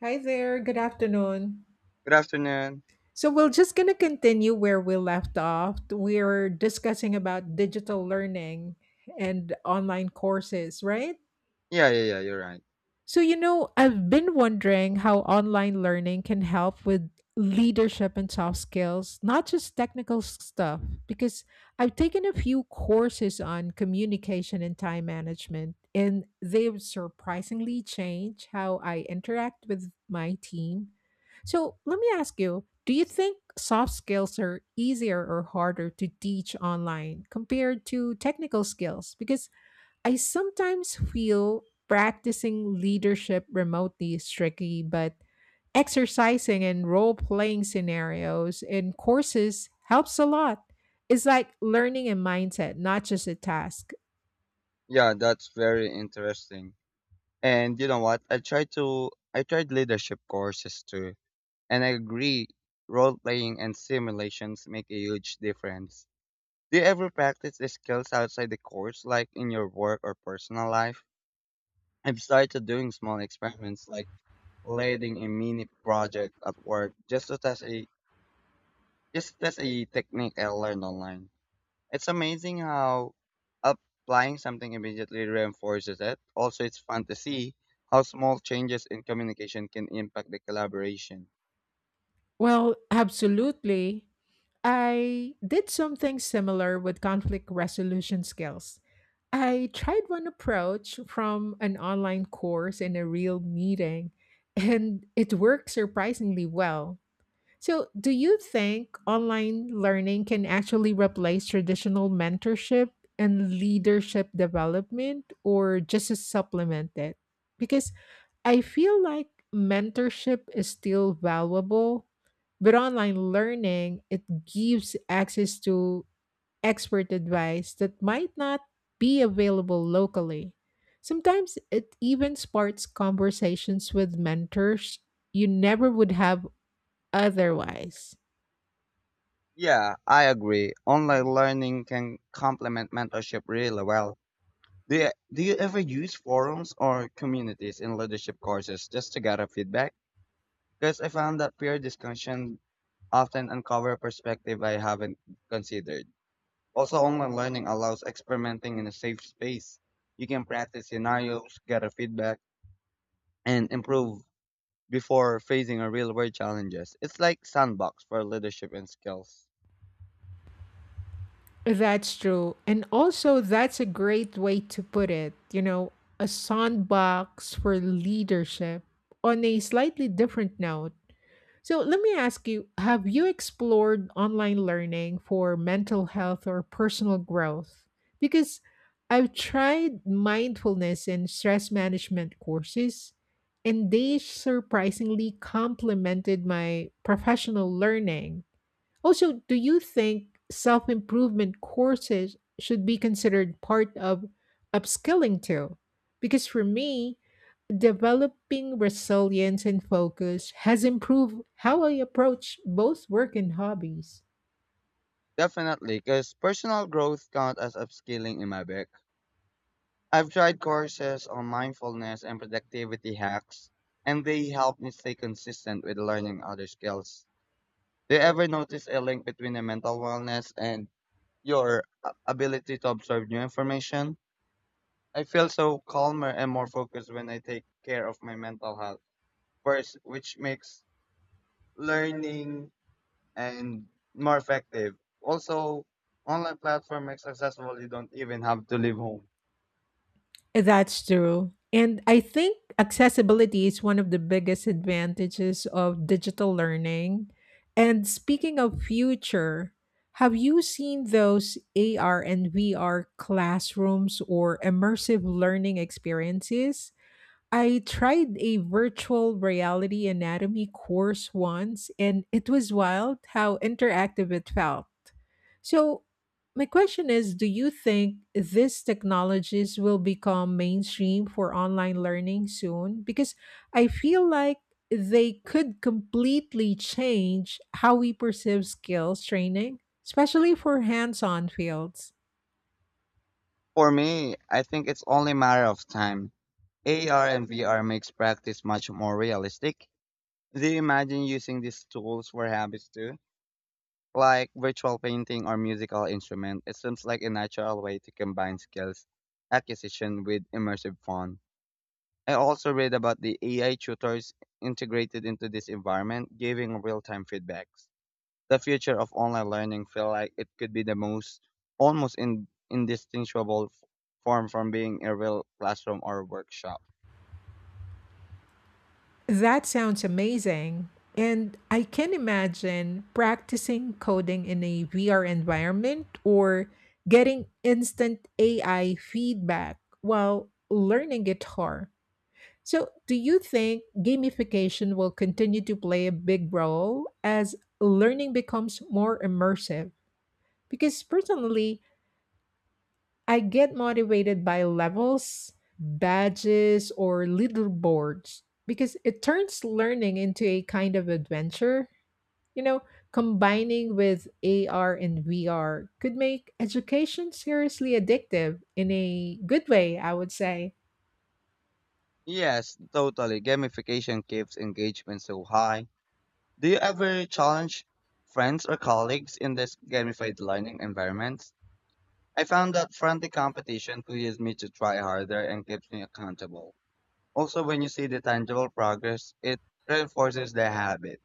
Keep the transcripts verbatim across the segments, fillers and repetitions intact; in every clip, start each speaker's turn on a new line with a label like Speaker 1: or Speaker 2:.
Speaker 1: Hi there, good afternoon.
Speaker 2: Good afternoon.
Speaker 1: So we're just going to continue where we left off. We're discussing about digital learning and online courses, right?
Speaker 2: Yeah, yeah, yeah, you're right.
Speaker 1: So, you know, I've been wondering how online learning can help with leadership and soft skills, not just technical s- stuff, because I've taken a few courses on communication and time management, and they've surprisingly changed how I interact with my team. So, let me ask you, do you think soft skills are easier or harder to teach online compared to technical skills? Because I sometimes feel practicing leadership remotely is tricky, but exercising in role playing scenarios in courses helps a lot. It's like learning a mindset, not just a task.
Speaker 2: Yeah, that's very interesting. And you know what? I tried to I tried leadership courses too. And I agree, role playing and simulations make a huge difference. Do you ever practice the skills outside the course, like in your work or personal life? I've started doing small experiments like leading a mini project at work just to test a just to test a technique I learned online. It's amazing how applying something immediately reinforces it. Also, it's fun to see how small changes in communication can impact the collaboration.
Speaker 1: Well, absolutely. I did something similar with conflict resolution skills. I tried one approach from an online course in a real meeting, and it worked surprisingly well. So, do you think online learning can actually replace traditional mentorship and leadership development, or just to supplement it? Because I feel like mentorship is still valuable, but online learning, it gives access to expert advice that might not be available locally. Sometimes it even sparks conversations with mentors you never would have otherwise.
Speaker 2: Yeah, I agree. Online learning can complement mentorship really well. Do you, do you ever use forums or communities in leadership courses just to gather feedback? Because I found that peer discussion often uncover perspective I haven't considered. Also, online learning allows experimenting in a safe space. You can practice scenarios, get a feedback, and improve before facing a real world challenges. It's like sandbox for leadership and skills.
Speaker 1: That's true. And also, that's a great way to put it. You know, a sandbox for leadership. On a slightly different note, so let me ask you, have you explored online learning for mental health or personal growth? Because I've tried mindfulness and stress management courses, and they surprisingly complemented my professional learning. Also, do you think self improvement courses should be considered part of upskilling too? Because for me, developing resilience and focus has improved how I approach both work and hobbies.
Speaker 2: Definitely, because personal growth count as upskilling in my book. I've tried courses on mindfulness and productivity hacks, and they help me stay consistent with learning other skills. Do you ever notice a link between the mental wellness and your uh, ability to absorb new information? I feel so calmer and more focused when I take care of my mental health first, which makes learning and more effective. Also, online platform makes accessible. You don't even have to leave home.
Speaker 1: That's true. And I think accessibility is one of the biggest advantages of digital learning. And speaking of future, have you seen those A R and V R classrooms or immersive learning experiences? I tried a virtual reality anatomy course once, and it was wild how interactive it felt. So, my question is, do you think these technologies will become mainstream for online learning soon? Because I feel like they could completely change how we perceive skills training, especially for hands on fields.
Speaker 2: For me, I think it's only a matter of time. A R and V R makes practice much more realistic. Do you imagine using these tools for habits too? Like virtual painting or musical instrument, it seems like a natural way to combine skills acquisition with immersive fun. I also read about the A I tutors integrated into this environment, giving real-time feedbacks. The future of online learning feel like it could be the most almost in, indistinguishable f- form from being a real classroom or workshop.
Speaker 1: That sounds amazing. And I can imagine practicing coding in a V R environment or getting instant A I feedback while learning guitar. So, do you think gamification will continue to play a big role as learning becomes more immersive? Because personally, I get motivated by levels, badges, or leaderboards because it turns learning into a kind of adventure. You know, combining with A R and V R could make education seriously addictive, in a good way, I would say.
Speaker 2: Yes, totally. Gamification keeps engagement so high. Do you ever challenge friends or colleagues in this gamified learning environments? I found that friendly competition pushes me to try harder and keeps me accountable. Also, when you see the tangible progress, it reinforces the habit.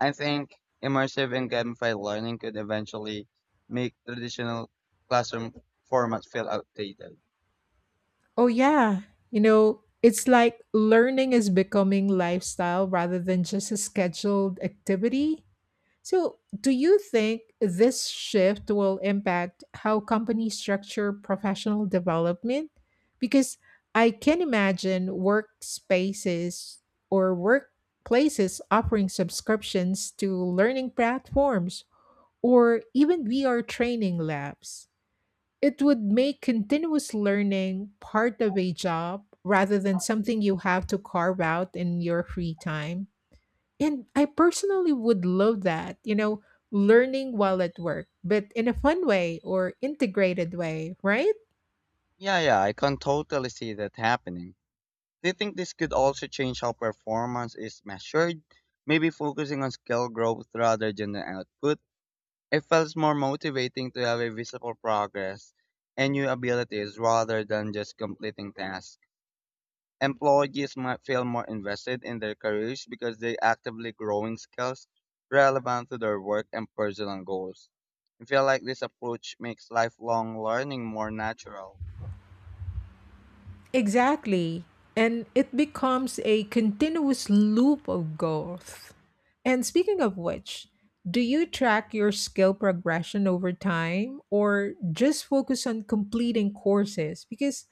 Speaker 2: I think immersive and gamified learning could eventually make traditional classroom formats feel outdated.
Speaker 1: Oh, yeah. You know, it's like learning is becoming lifestyle rather than just a scheduled activity. So, do you think this shift will impact how companies structure professional development? Because I can imagine workspaces or workplaces offering subscriptions to learning platforms or even V R training labs. It would make continuous learning part of a job rather than something you have to carve out in your free time. And I personally would love that, you know, learning while at work, but in a fun way or integrated way, right?
Speaker 2: Yeah, yeah, I can totally see that happening. Do you think this could also change how performance is measured? Maybe focusing on skill growth rather than the output? It feels more motivating to have a visible progress and new abilities rather than just completing tasks. Employees might feel more invested in their careers because they actively growing skills relevant to their work and personal goals. I feel like this approach makes lifelong learning more natural.
Speaker 1: Exactly. And it becomes a continuous loop of growth. And speaking of which, do you track your skill progression over time or just focus on completing courses? Because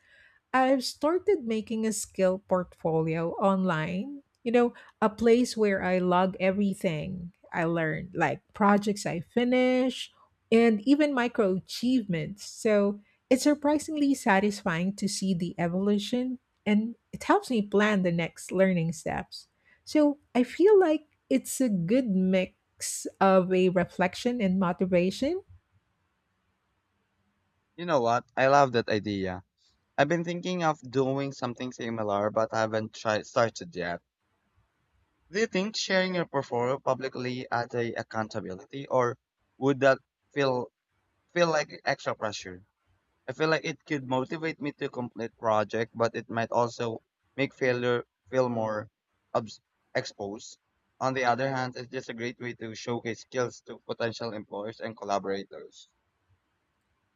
Speaker 1: I've started making a skill portfolio online, you know, a place where I log everything I learned, like projects I finish and even micro achievements. So it's surprisingly satisfying to see the evolution, and it helps me plan the next learning steps. So I feel like it's a good mix of a reflection and motivation.
Speaker 2: You know what? I love that idea. I've been thinking of doing something similar, but I haven't tried started yet. Do you think sharing your portfolio publicly adds a accountability, or would that feel feel like extra pressure? I feel like it could motivate me to complete project, but it might also make failure feel more obs- exposed. On the other hand, it's just a great way to showcase skills to potential employers and collaborators.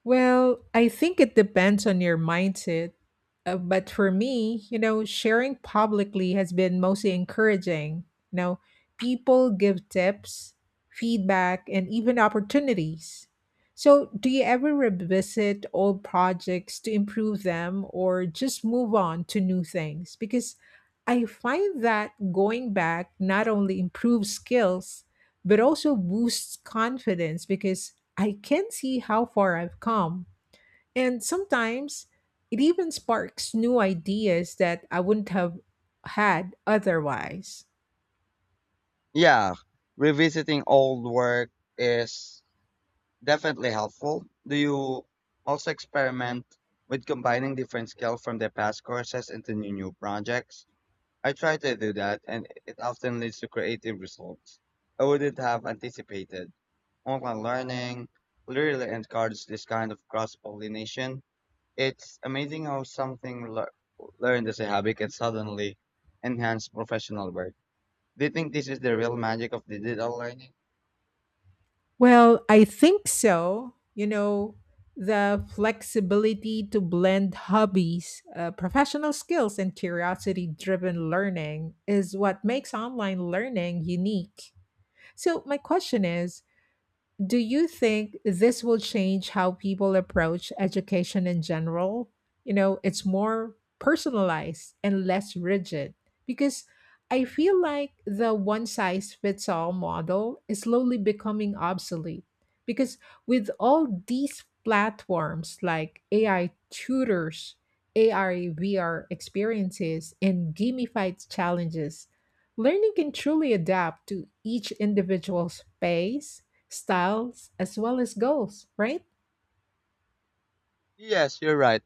Speaker 1: Well, I think it depends on your mindset. Uh, but for me, you know, sharing publicly has been mostly encouraging. You know, people give tips, feedback, and even opportunities. So, do you ever revisit old projects to improve them or just move on to new things? Because I find that going back not only improves skills, but also boosts confidence because I can see how far I've come. And sometimes it even sparks new ideas that I wouldn't have had otherwise.
Speaker 2: Yeah, revisiting old work is definitely helpful. Do you also experiment with combining different skills from the past courses into new, new projects? I try to do that, and it often leads to creative results I wouldn't have anticipated. Online learning really encourages this kind of cross pollination. It's amazing how something lear- learned as a hobby can suddenly enhance professional work. Do you think this is the real magic of digital learning?
Speaker 1: Well, I think so. You know, the flexibility to blend hobbies, uh, professional skills, and curiosity driven learning is what makes online learning unique. So, my question is, do you think this will change how people approach education in general? You know, it's more personalized and less rigid because I feel like the one size fits all model is slowly becoming obsolete. Because with all these platforms like A I tutors, A I V R experiences, and gamified challenges, learning can truly adapt to each individual's pace, styles as well as goals, right?
Speaker 2: Yes, you're right.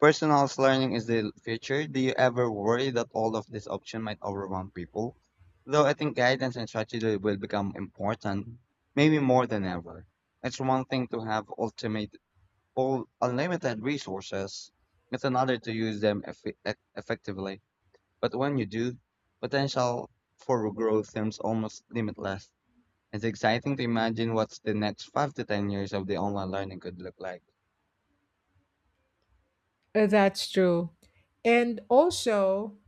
Speaker 2: Personalized learning is the future. Do you ever worry that all of these options might overwhelm people? Though I think guidance and strategy will become important, maybe more than ever. It's one thing to have ultimate all unlimited resources. It's another to use them effi- e- effectively. But when you do, potential for growth seems almost limitless. It's exciting to imagine what's the next five to ten years of the online learning could look like.
Speaker 1: Uh, That's true. And also,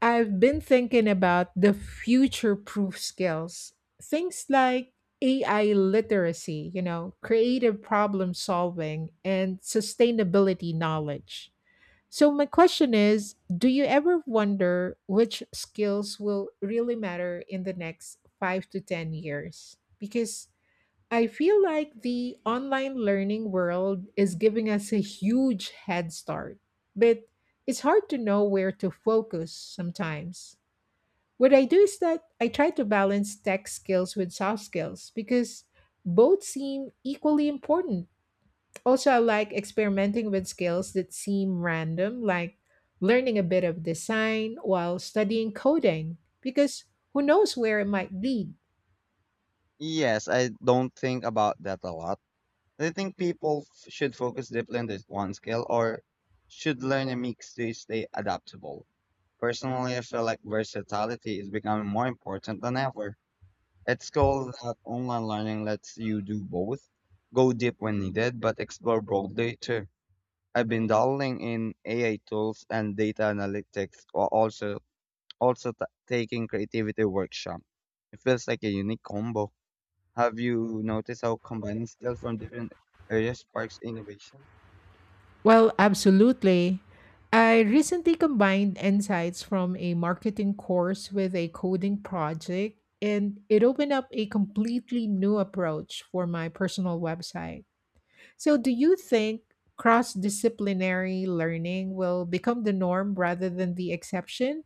Speaker 1: I've been thinking about the future proof skills. Things like A I literacy, you know, creative problem solving, and sustainability knowledge. So, my question is, do you ever wonder which skills will really matter in the next five to ten years? Because I feel like the online learning world is giving us a huge head start, but it's hard to know where to focus sometimes. What I do is that I try to balance tech skills with soft skills because both seem equally important. Also, I like experimenting with skills that seem random, like learning a bit of design while studying coding, because who knows where it might lead.
Speaker 2: Yes, I don't think about that a lot. Do you think people f- should focus deeply on this one skill or should learn a mix to stay adaptable? Personally, I feel like versatility is becoming more important than ever. At school, that online learning lets you do both, go deep when needed, but explore broadly too. I've been dabbling in A I tools and data analytics, while also also t- taking creativity workshop. It feels like a unique combo. Have you noticed how combining skills from different areas sparks innovation?
Speaker 1: Well, absolutely. I recently combined insights from a marketing course with a coding project, and it opened up a completely new approach for my personal website. So, do you think cross disciplinary learning will become the norm rather than the exception?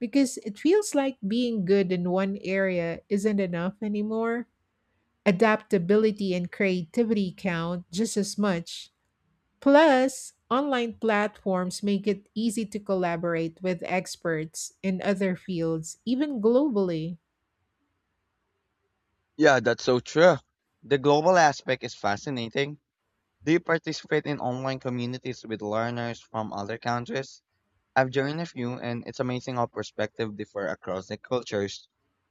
Speaker 1: Because it feels like being good in one area isn't enough anymore. Adaptability and creativity count just as much. Plus, online platforms make it easy to collaborate with experts in other fields, even globally.
Speaker 2: Yeah, that's so true. The global aspect is fascinating. Do you participate in online communities with learners from other countries? I've joined a few, and it's amazing how perspectives differ across the cultures.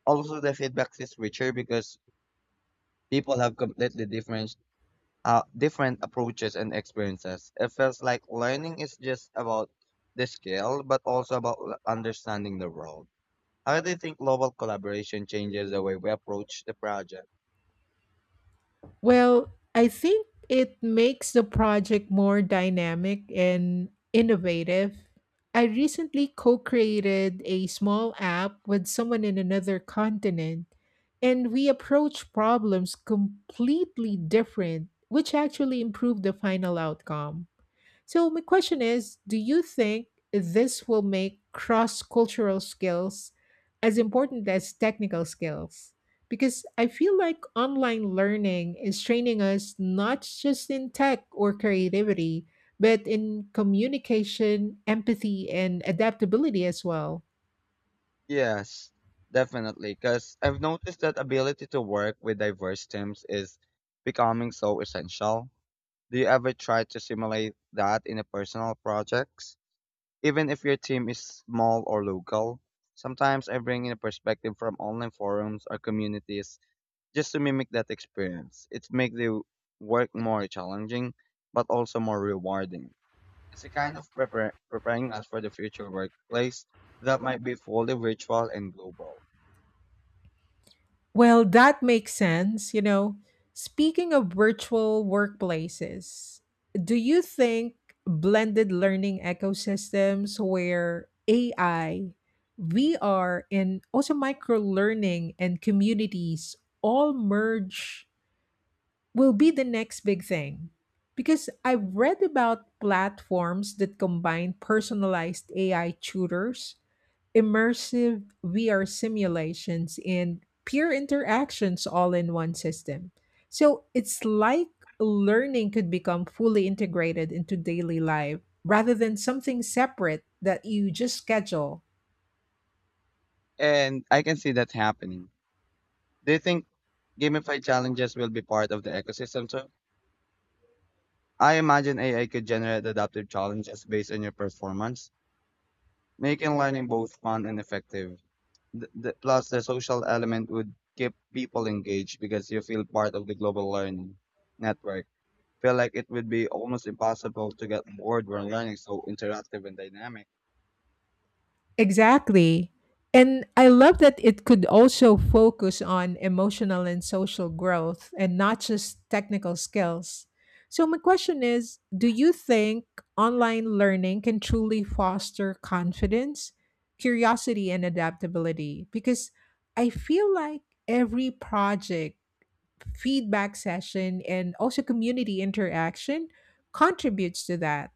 Speaker 2: Also, the feedback is richer because people have completely different, uh, different approaches and experiences. It feels like learning is just about the skill, but also about l- understanding the world. How do you think global collaboration changes the way we approach the project?
Speaker 1: Well, I think it makes the project more dynamic and innovative. I recently co created a small app with someone in another continent, and we approach problems completely different, which actually improved the final outcome. So, my question is, do you think this will make cross cultural skills as important as technical skills? Because I feel like online learning is training us not just in tech or creativity, but in communication, empathy, and adaptability as well.
Speaker 2: Yes, definitely. Because I've noticed that ability to work with diverse teams is becoming so essential. Do you ever try to simulate that in a personal projects? Even if your team is small or local, sometimes I bring in a perspective from online forums or communities just to mimic that experience. It makes the work more challenging, but also more rewarding. It's a kind of prepar- preparing us for the future workplace that might be fully virtual and global.
Speaker 1: Well, that makes sense. You know, speaking of virtual workplaces, do you think blended learning ecosystems where A I, V R, and also micro learning and communities all merge will be the next big thing? Because I've read about platforms that combine personalized A I tutors, immersive V R simulations, and peer interactions all in one system. So it's like learning could become fully integrated into daily life rather than something separate that you just schedule.
Speaker 2: And I can see that happening. Do you think gamified challenges will be part of the ecosystem too? I imagine A I could generate adaptive challenges based on your performance, making learning both fun and effective. Th- th- plus, the social element would keep people engaged because you feel part of the global learning network. Feel like it would be almost impossible to get bored when learning so interactive and dynamic.
Speaker 1: Exactly. And I love that it could also focus on emotional and social growth and not just technical skills. So, my question is, do you think online learning can truly foster confidence, curiosity, and adaptability? Because I feel like every project, feedback session, and also community interaction contributes to that.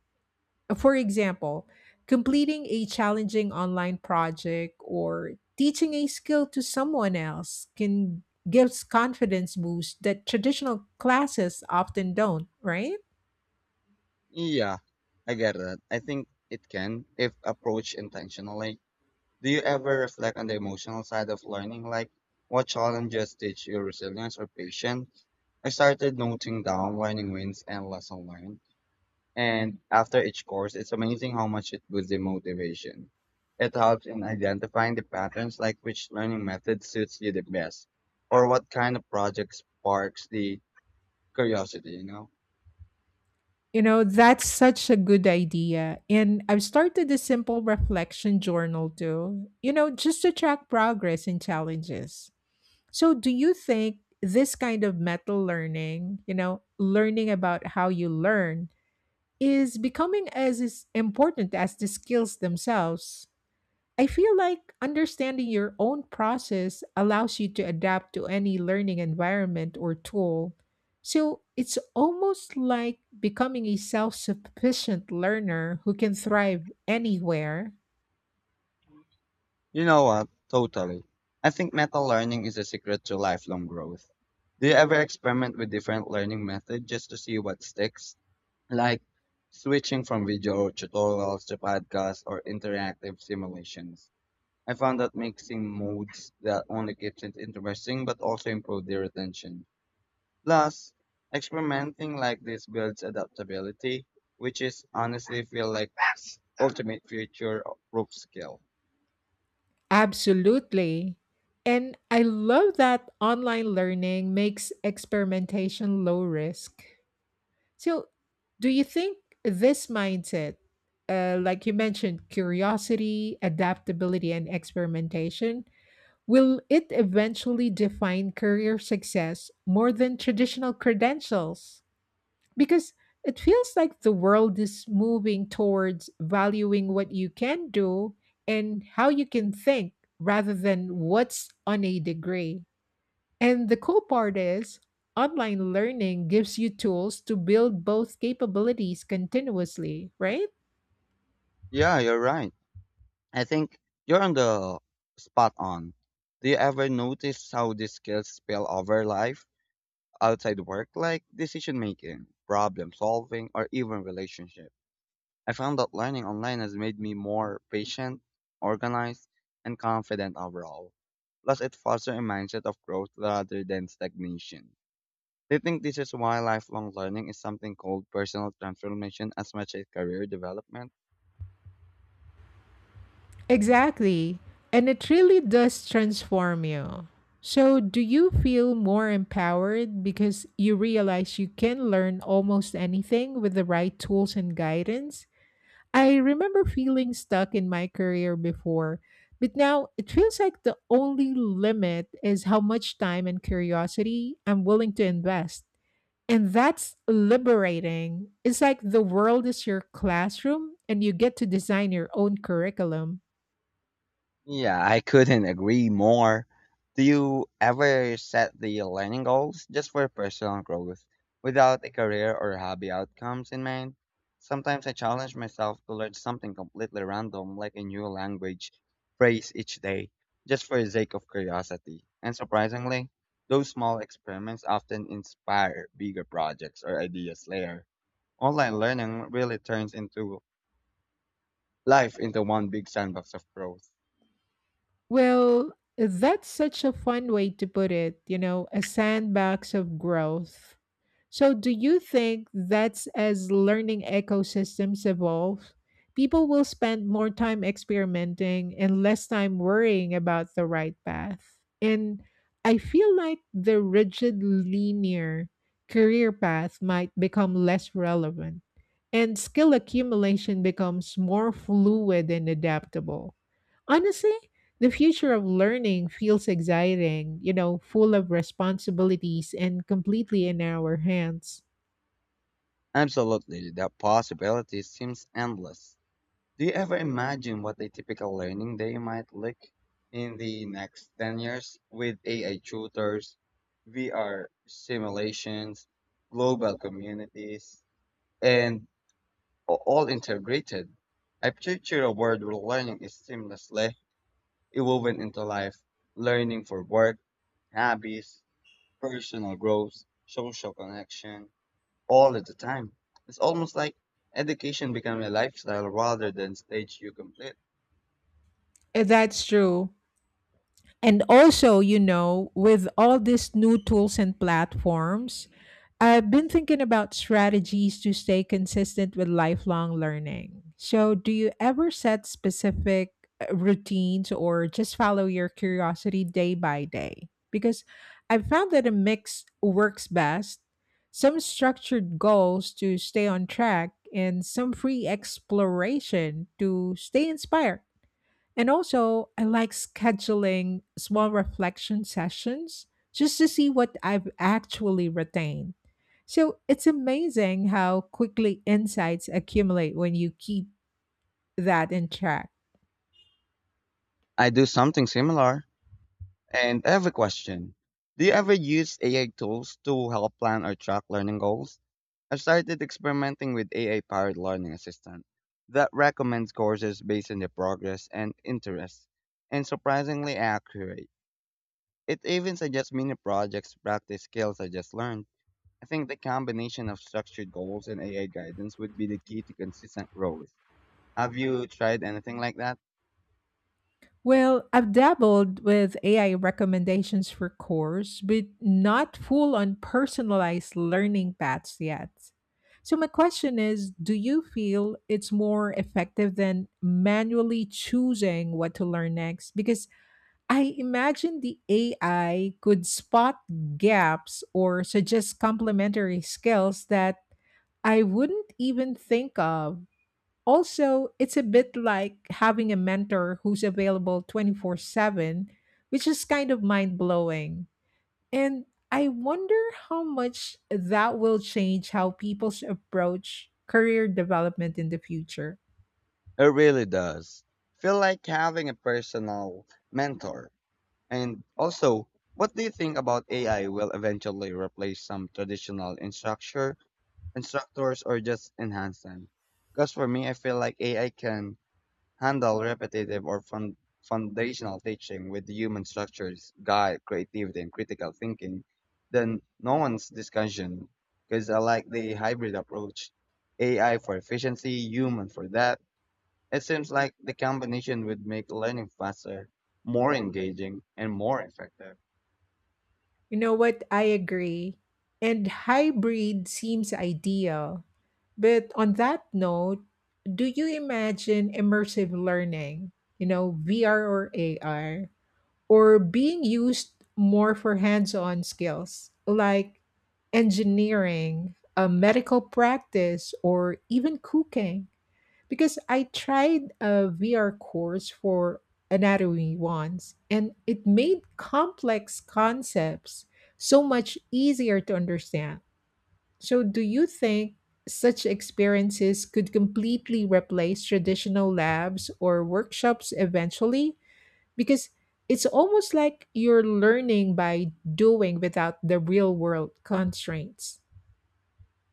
Speaker 1: For example, completing a challenging online project or teaching a skill to someone else can gives confidence boost that traditional classes often don't, right?
Speaker 2: Yeah, I get that. I think it can, if approached intentionally. Do you ever reflect on the emotional side of learning, like what challenges teach you resilience or patience? I started noting down learning wins and lesson learned, and after each course, it's amazing how much it boosts the motivation. It helps in identifying the patterns, like which learning method suits you the best, or what kind of project sparks the curiosity, you know?
Speaker 1: You know, that's such a good idea. And I've started a simple reflection journal too, you know, just to track progress and challenges. So, do you think this kind of meta learning, you know, learning about how you learn, is becoming as is important as the skills themselves? I feel like understanding your own process allows you to adapt to any learning environment or tool. So it's almost like becoming a self sufficient learner who can thrive anywhere.
Speaker 2: You know what? Totally. I think meta learning is a secret to lifelong growth. Do you ever experiment with different learning methods just to see what sticks? Like switching from video tutorials to podcasts or interactive simulations. I found that mixing modes that only keeps it interesting but also improve the retention. Plus, experimenting like this builds adaptability, which is honestly feel like ultimate future proof skill.
Speaker 1: Absolutely. And I love that online learning makes experimentation low risk. So, do you think this mindset, uh, like you mentioned, curiosity, adaptability, and experimentation, will it eventually define career success more than traditional credentials? Because it feels like the world is moving towards valuing what you can do and how you can think rather than what's on a degree. And the cool part is, online learning gives you tools to build both capabilities continuously, right?
Speaker 2: Yeah, you're right. I think you're on the spot on. Do you ever notice how these skills spill over life outside work, like decision making, problem solving, or even relationship? I found that learning online has made me more patient, organized, and confident overall. Plus, it fosters a mindset of growth rather than stagnation. Do you think this is why lifelong learning is something called personal transformation as much as career development?
Speaker 1: Exactly. And it really does transform you. So, do you feel more empowered because you realize you can learn almost anything with the right tools and guidance? I remember feeling stuck in my career before, but now it feels like the only limit is how much time and curiosity I'm willing to invest. And that's liberating. It's like the world is your classroom and you get to design your own curriculum.
Speaker 2: Yeah, I couldn't agree more. Do you ever set the learning goals just for personal growth without a career or hobby outcomes in mind? Sometimes I challenge myself to learn something completely random, like a new language phrase each day, just for the sake of curiosity. And surprisingly, those small experiments often inspire bigger projects or ideas later. Online learning really turns into life into one big sandbox of growth.
Speaker 1: Well, that's such a fun way to put it, you know, a sandbox of growth. So, do you think that's as learning ecosystems evolve? People will spend more time experimenting and less time worrying about the right path. And I feel like the rigid, linear career path might become less relevant, and skill accumulation becomes more fluid and adaptable. Honestly, the future of learning feels exciting, you know, full of responsibilities and completely in our hands.
Speaker 2: Absolutely, the possibility seems endless. Do you ever imagine what a typical learning day might look in the next ten years with A I tutors, V R simulations, global communities, and a- all integrated? I picture a world where learning is seamlessly woven into life, learning for work, hobbies, personal growth, social connection, all at the time. It's almost like education becoming a lifestyle rather than stage you complete.
Speaker 1: Uh, That's true. And also, you know, with all these new tools and platforms, I've been thinking about strategies to stay consistent with lifelong learning. So, do you ever set specific uh, routines or just follow your curiosity day by day? Because I've found that a mix works best. Some structured goals to stay on track and some free exploration to stay inspired. And also, I like scheduling small reflection sessions just to see what I've actually retained. So it's amazing how quickly insights accumulate when you keep that in track.
Speaker 2: I do something similar. And I have a question. Do you ever use A I tools to help plan or track learning goals? I've started experimenting with A I powered learning assistant that recommends courses based on their progress and interests, and surprisingly accurate. It even suggests mini projects to practice skills I just learned. I think the combination of structured goals and A I guidance would be the key to consistent growth. Have you tried anything like that?
Speaker 1: Well, I've dabbled with A I recommendations for course, but not full on personalized learning paths yet. So, my question is, do you feel it's more effective than manually choosing what to learn next? Because I imagine the A I could spot gaps or suggest complementary skills that I wouldn't even think of. Also, it's a bit like having a mentor who's available twenty-four seven, which is kind of mind blowing. And I wonder how much that will change how people's approach career development in the future.
Speaker 2: It really does. Feel like having a personal mentor. And also, what do you think about A I will eventually replace some traditional instructor, instructors or just enhance them? Because for me, I feel like A I can handle repetitive or fun- foundational teaching with human structures, guide creativity and critical thinking, then no one's discussion. Because I like the hybrid approach, A I for efficiency, human for that. It seems like the combination would make learning faster, more engaging, and more effective.
Speaker 1: You know what? I agree. And hybrid seems ideal. But on that note, do you imagine immersive learning? You know, V R or A R? Or being used more for hands-on skills like engineering, a medical practice, or even cooking. Because I tried a V R course for anatomy once, and it made complex concepts so much easier to understand. So, do you think such experiences could completely replace traditional labs or workshops eventually? Because it's almost like you're learning by doing without the real world constraints.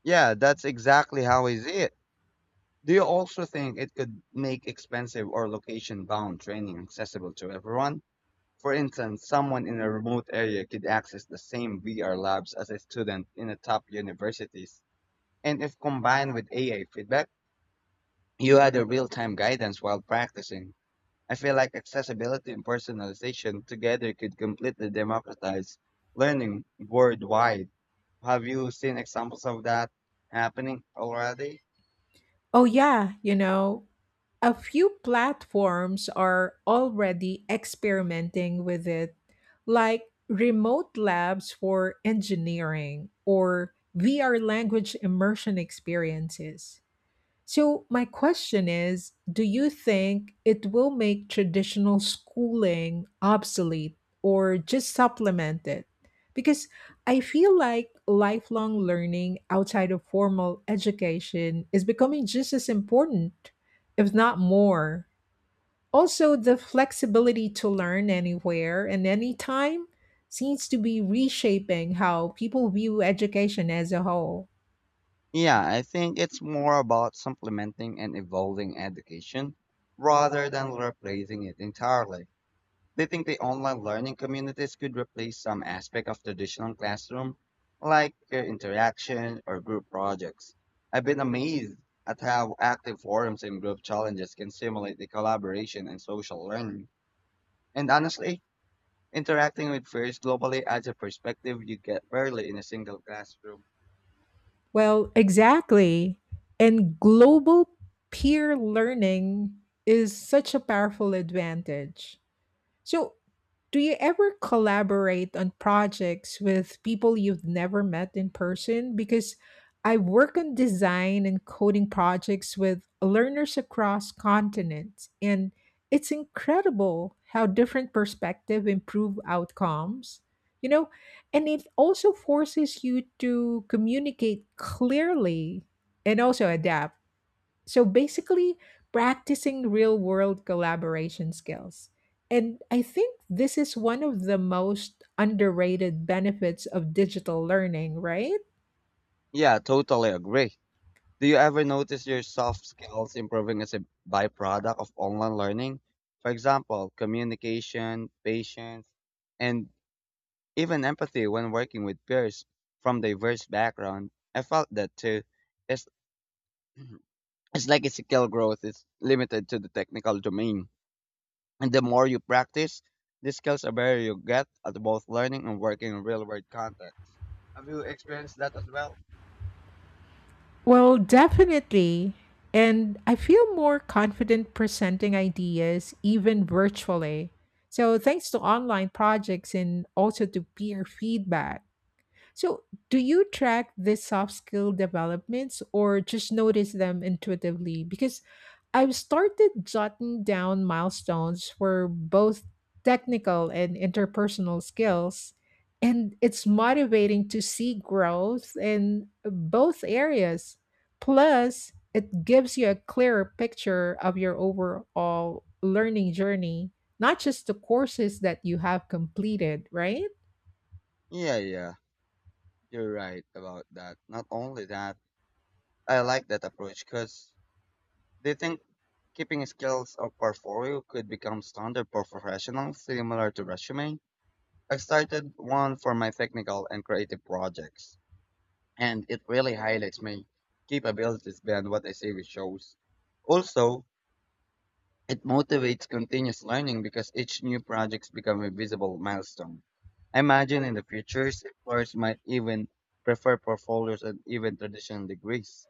Speaker 2: Yeah, that's exactly how I see it. Do you also think it could make expensive or location bound training accessible to everyone? For instance, someone in a remote area could access the same V R labs as a student in the top universities. And if combined with A I feedback, you had a real-time guidance while practicing. I feel like accessibility and personalization together could completely democratize learning worldwide. Have you seen examples of that happening already?
Speaker 1: Oh, yeah, you know, a few platforms are already experimenting with it, like remote labs for engineering or V R language immersion experiences. So, my question is, do you think it will make traditional schooling obsolete or just supplement it? Because I feel like lifelong learning outside of formal education is becoming just as important, if not more. Also, the flexibility to learn anywhere and anytime seems to be reshaping how people view education as a whole.
Speaker 2: Yeah, I think it's more about supplementing and evolving education rather than replacing it entirely. They think the online learning communities could replace some aspect of traditional classroom, like peer interaction or group projects? I've been amazed at how active forums and group challenges can simulate the collaboration and social learning. And honestly, interacting with peers globally adds a perspective you get rarely in a single classroom.
Speaker 1: Well, exactly. And global peer learning is such a powerful advantage. So, do you ever collaborate on projects with people you've never met in person? Because I work on design and coding projects with learners across continents, and it's incredible how different perspectives improve outcomes. You know, and it also forces you to communicate clearly and also adapt, so basically, practicing real world collaboration skills. And I think this is one of the most underrated benefits of digital learning, right?
Speaker 2: Yeah, totally agree. Do you ever notice your soft skills improving as a byproduct of online learning? For example, communication, patience, and even empathy when working with peers from diverse background. I felt that too. It's, it's like a skill growth is limited to the technical domain. And the more you practice, the skills the better you get at both learning and working in real world contexts. Have you experienced that as well?
Speaker 1: Well, definitely. And I feel more confident presenting ideas, even virtually. So, thanks to online projects and also to peer feedback. So, do you track these soft skill developments or just notice them intuitively? Because I've started jotting down milestones for both technical and interpersonal skills, and it's motivating to see growth in both areas. Plus, it gives you a clearer picture of your overall learning journey, not just the courses that you have completed, right?
Speaker 2: Yeah, yeah. You're right about that. Not only that, I like that approach because they think keeping skills or portfolio could become standard for professionals similar to resume. I've started one for my technical and creative projects, and it really highlights my capabilities beyond what I see with shows. Also, it motivates continuous learning because each new project becomes a visible milestone. I imagine in the future, employers might even prefer portfolios and even traditional degrees.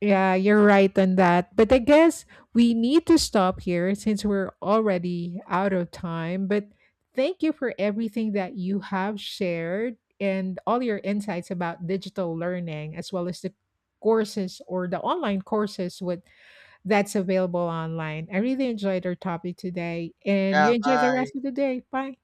Speaker 1: Yeah, you're right on that. But I guess we need to stop here since we're already out of time. But thank you for everything that you have shared and all your insights about digital learning, as well as the courses or the online courses with that's available online. I really enjoyed our topic today, and you
Speaker 2: Yeah,
Speaker 1: enjoy the
Speaker 2: bye.
Speaker 1: rest of the day. Bye.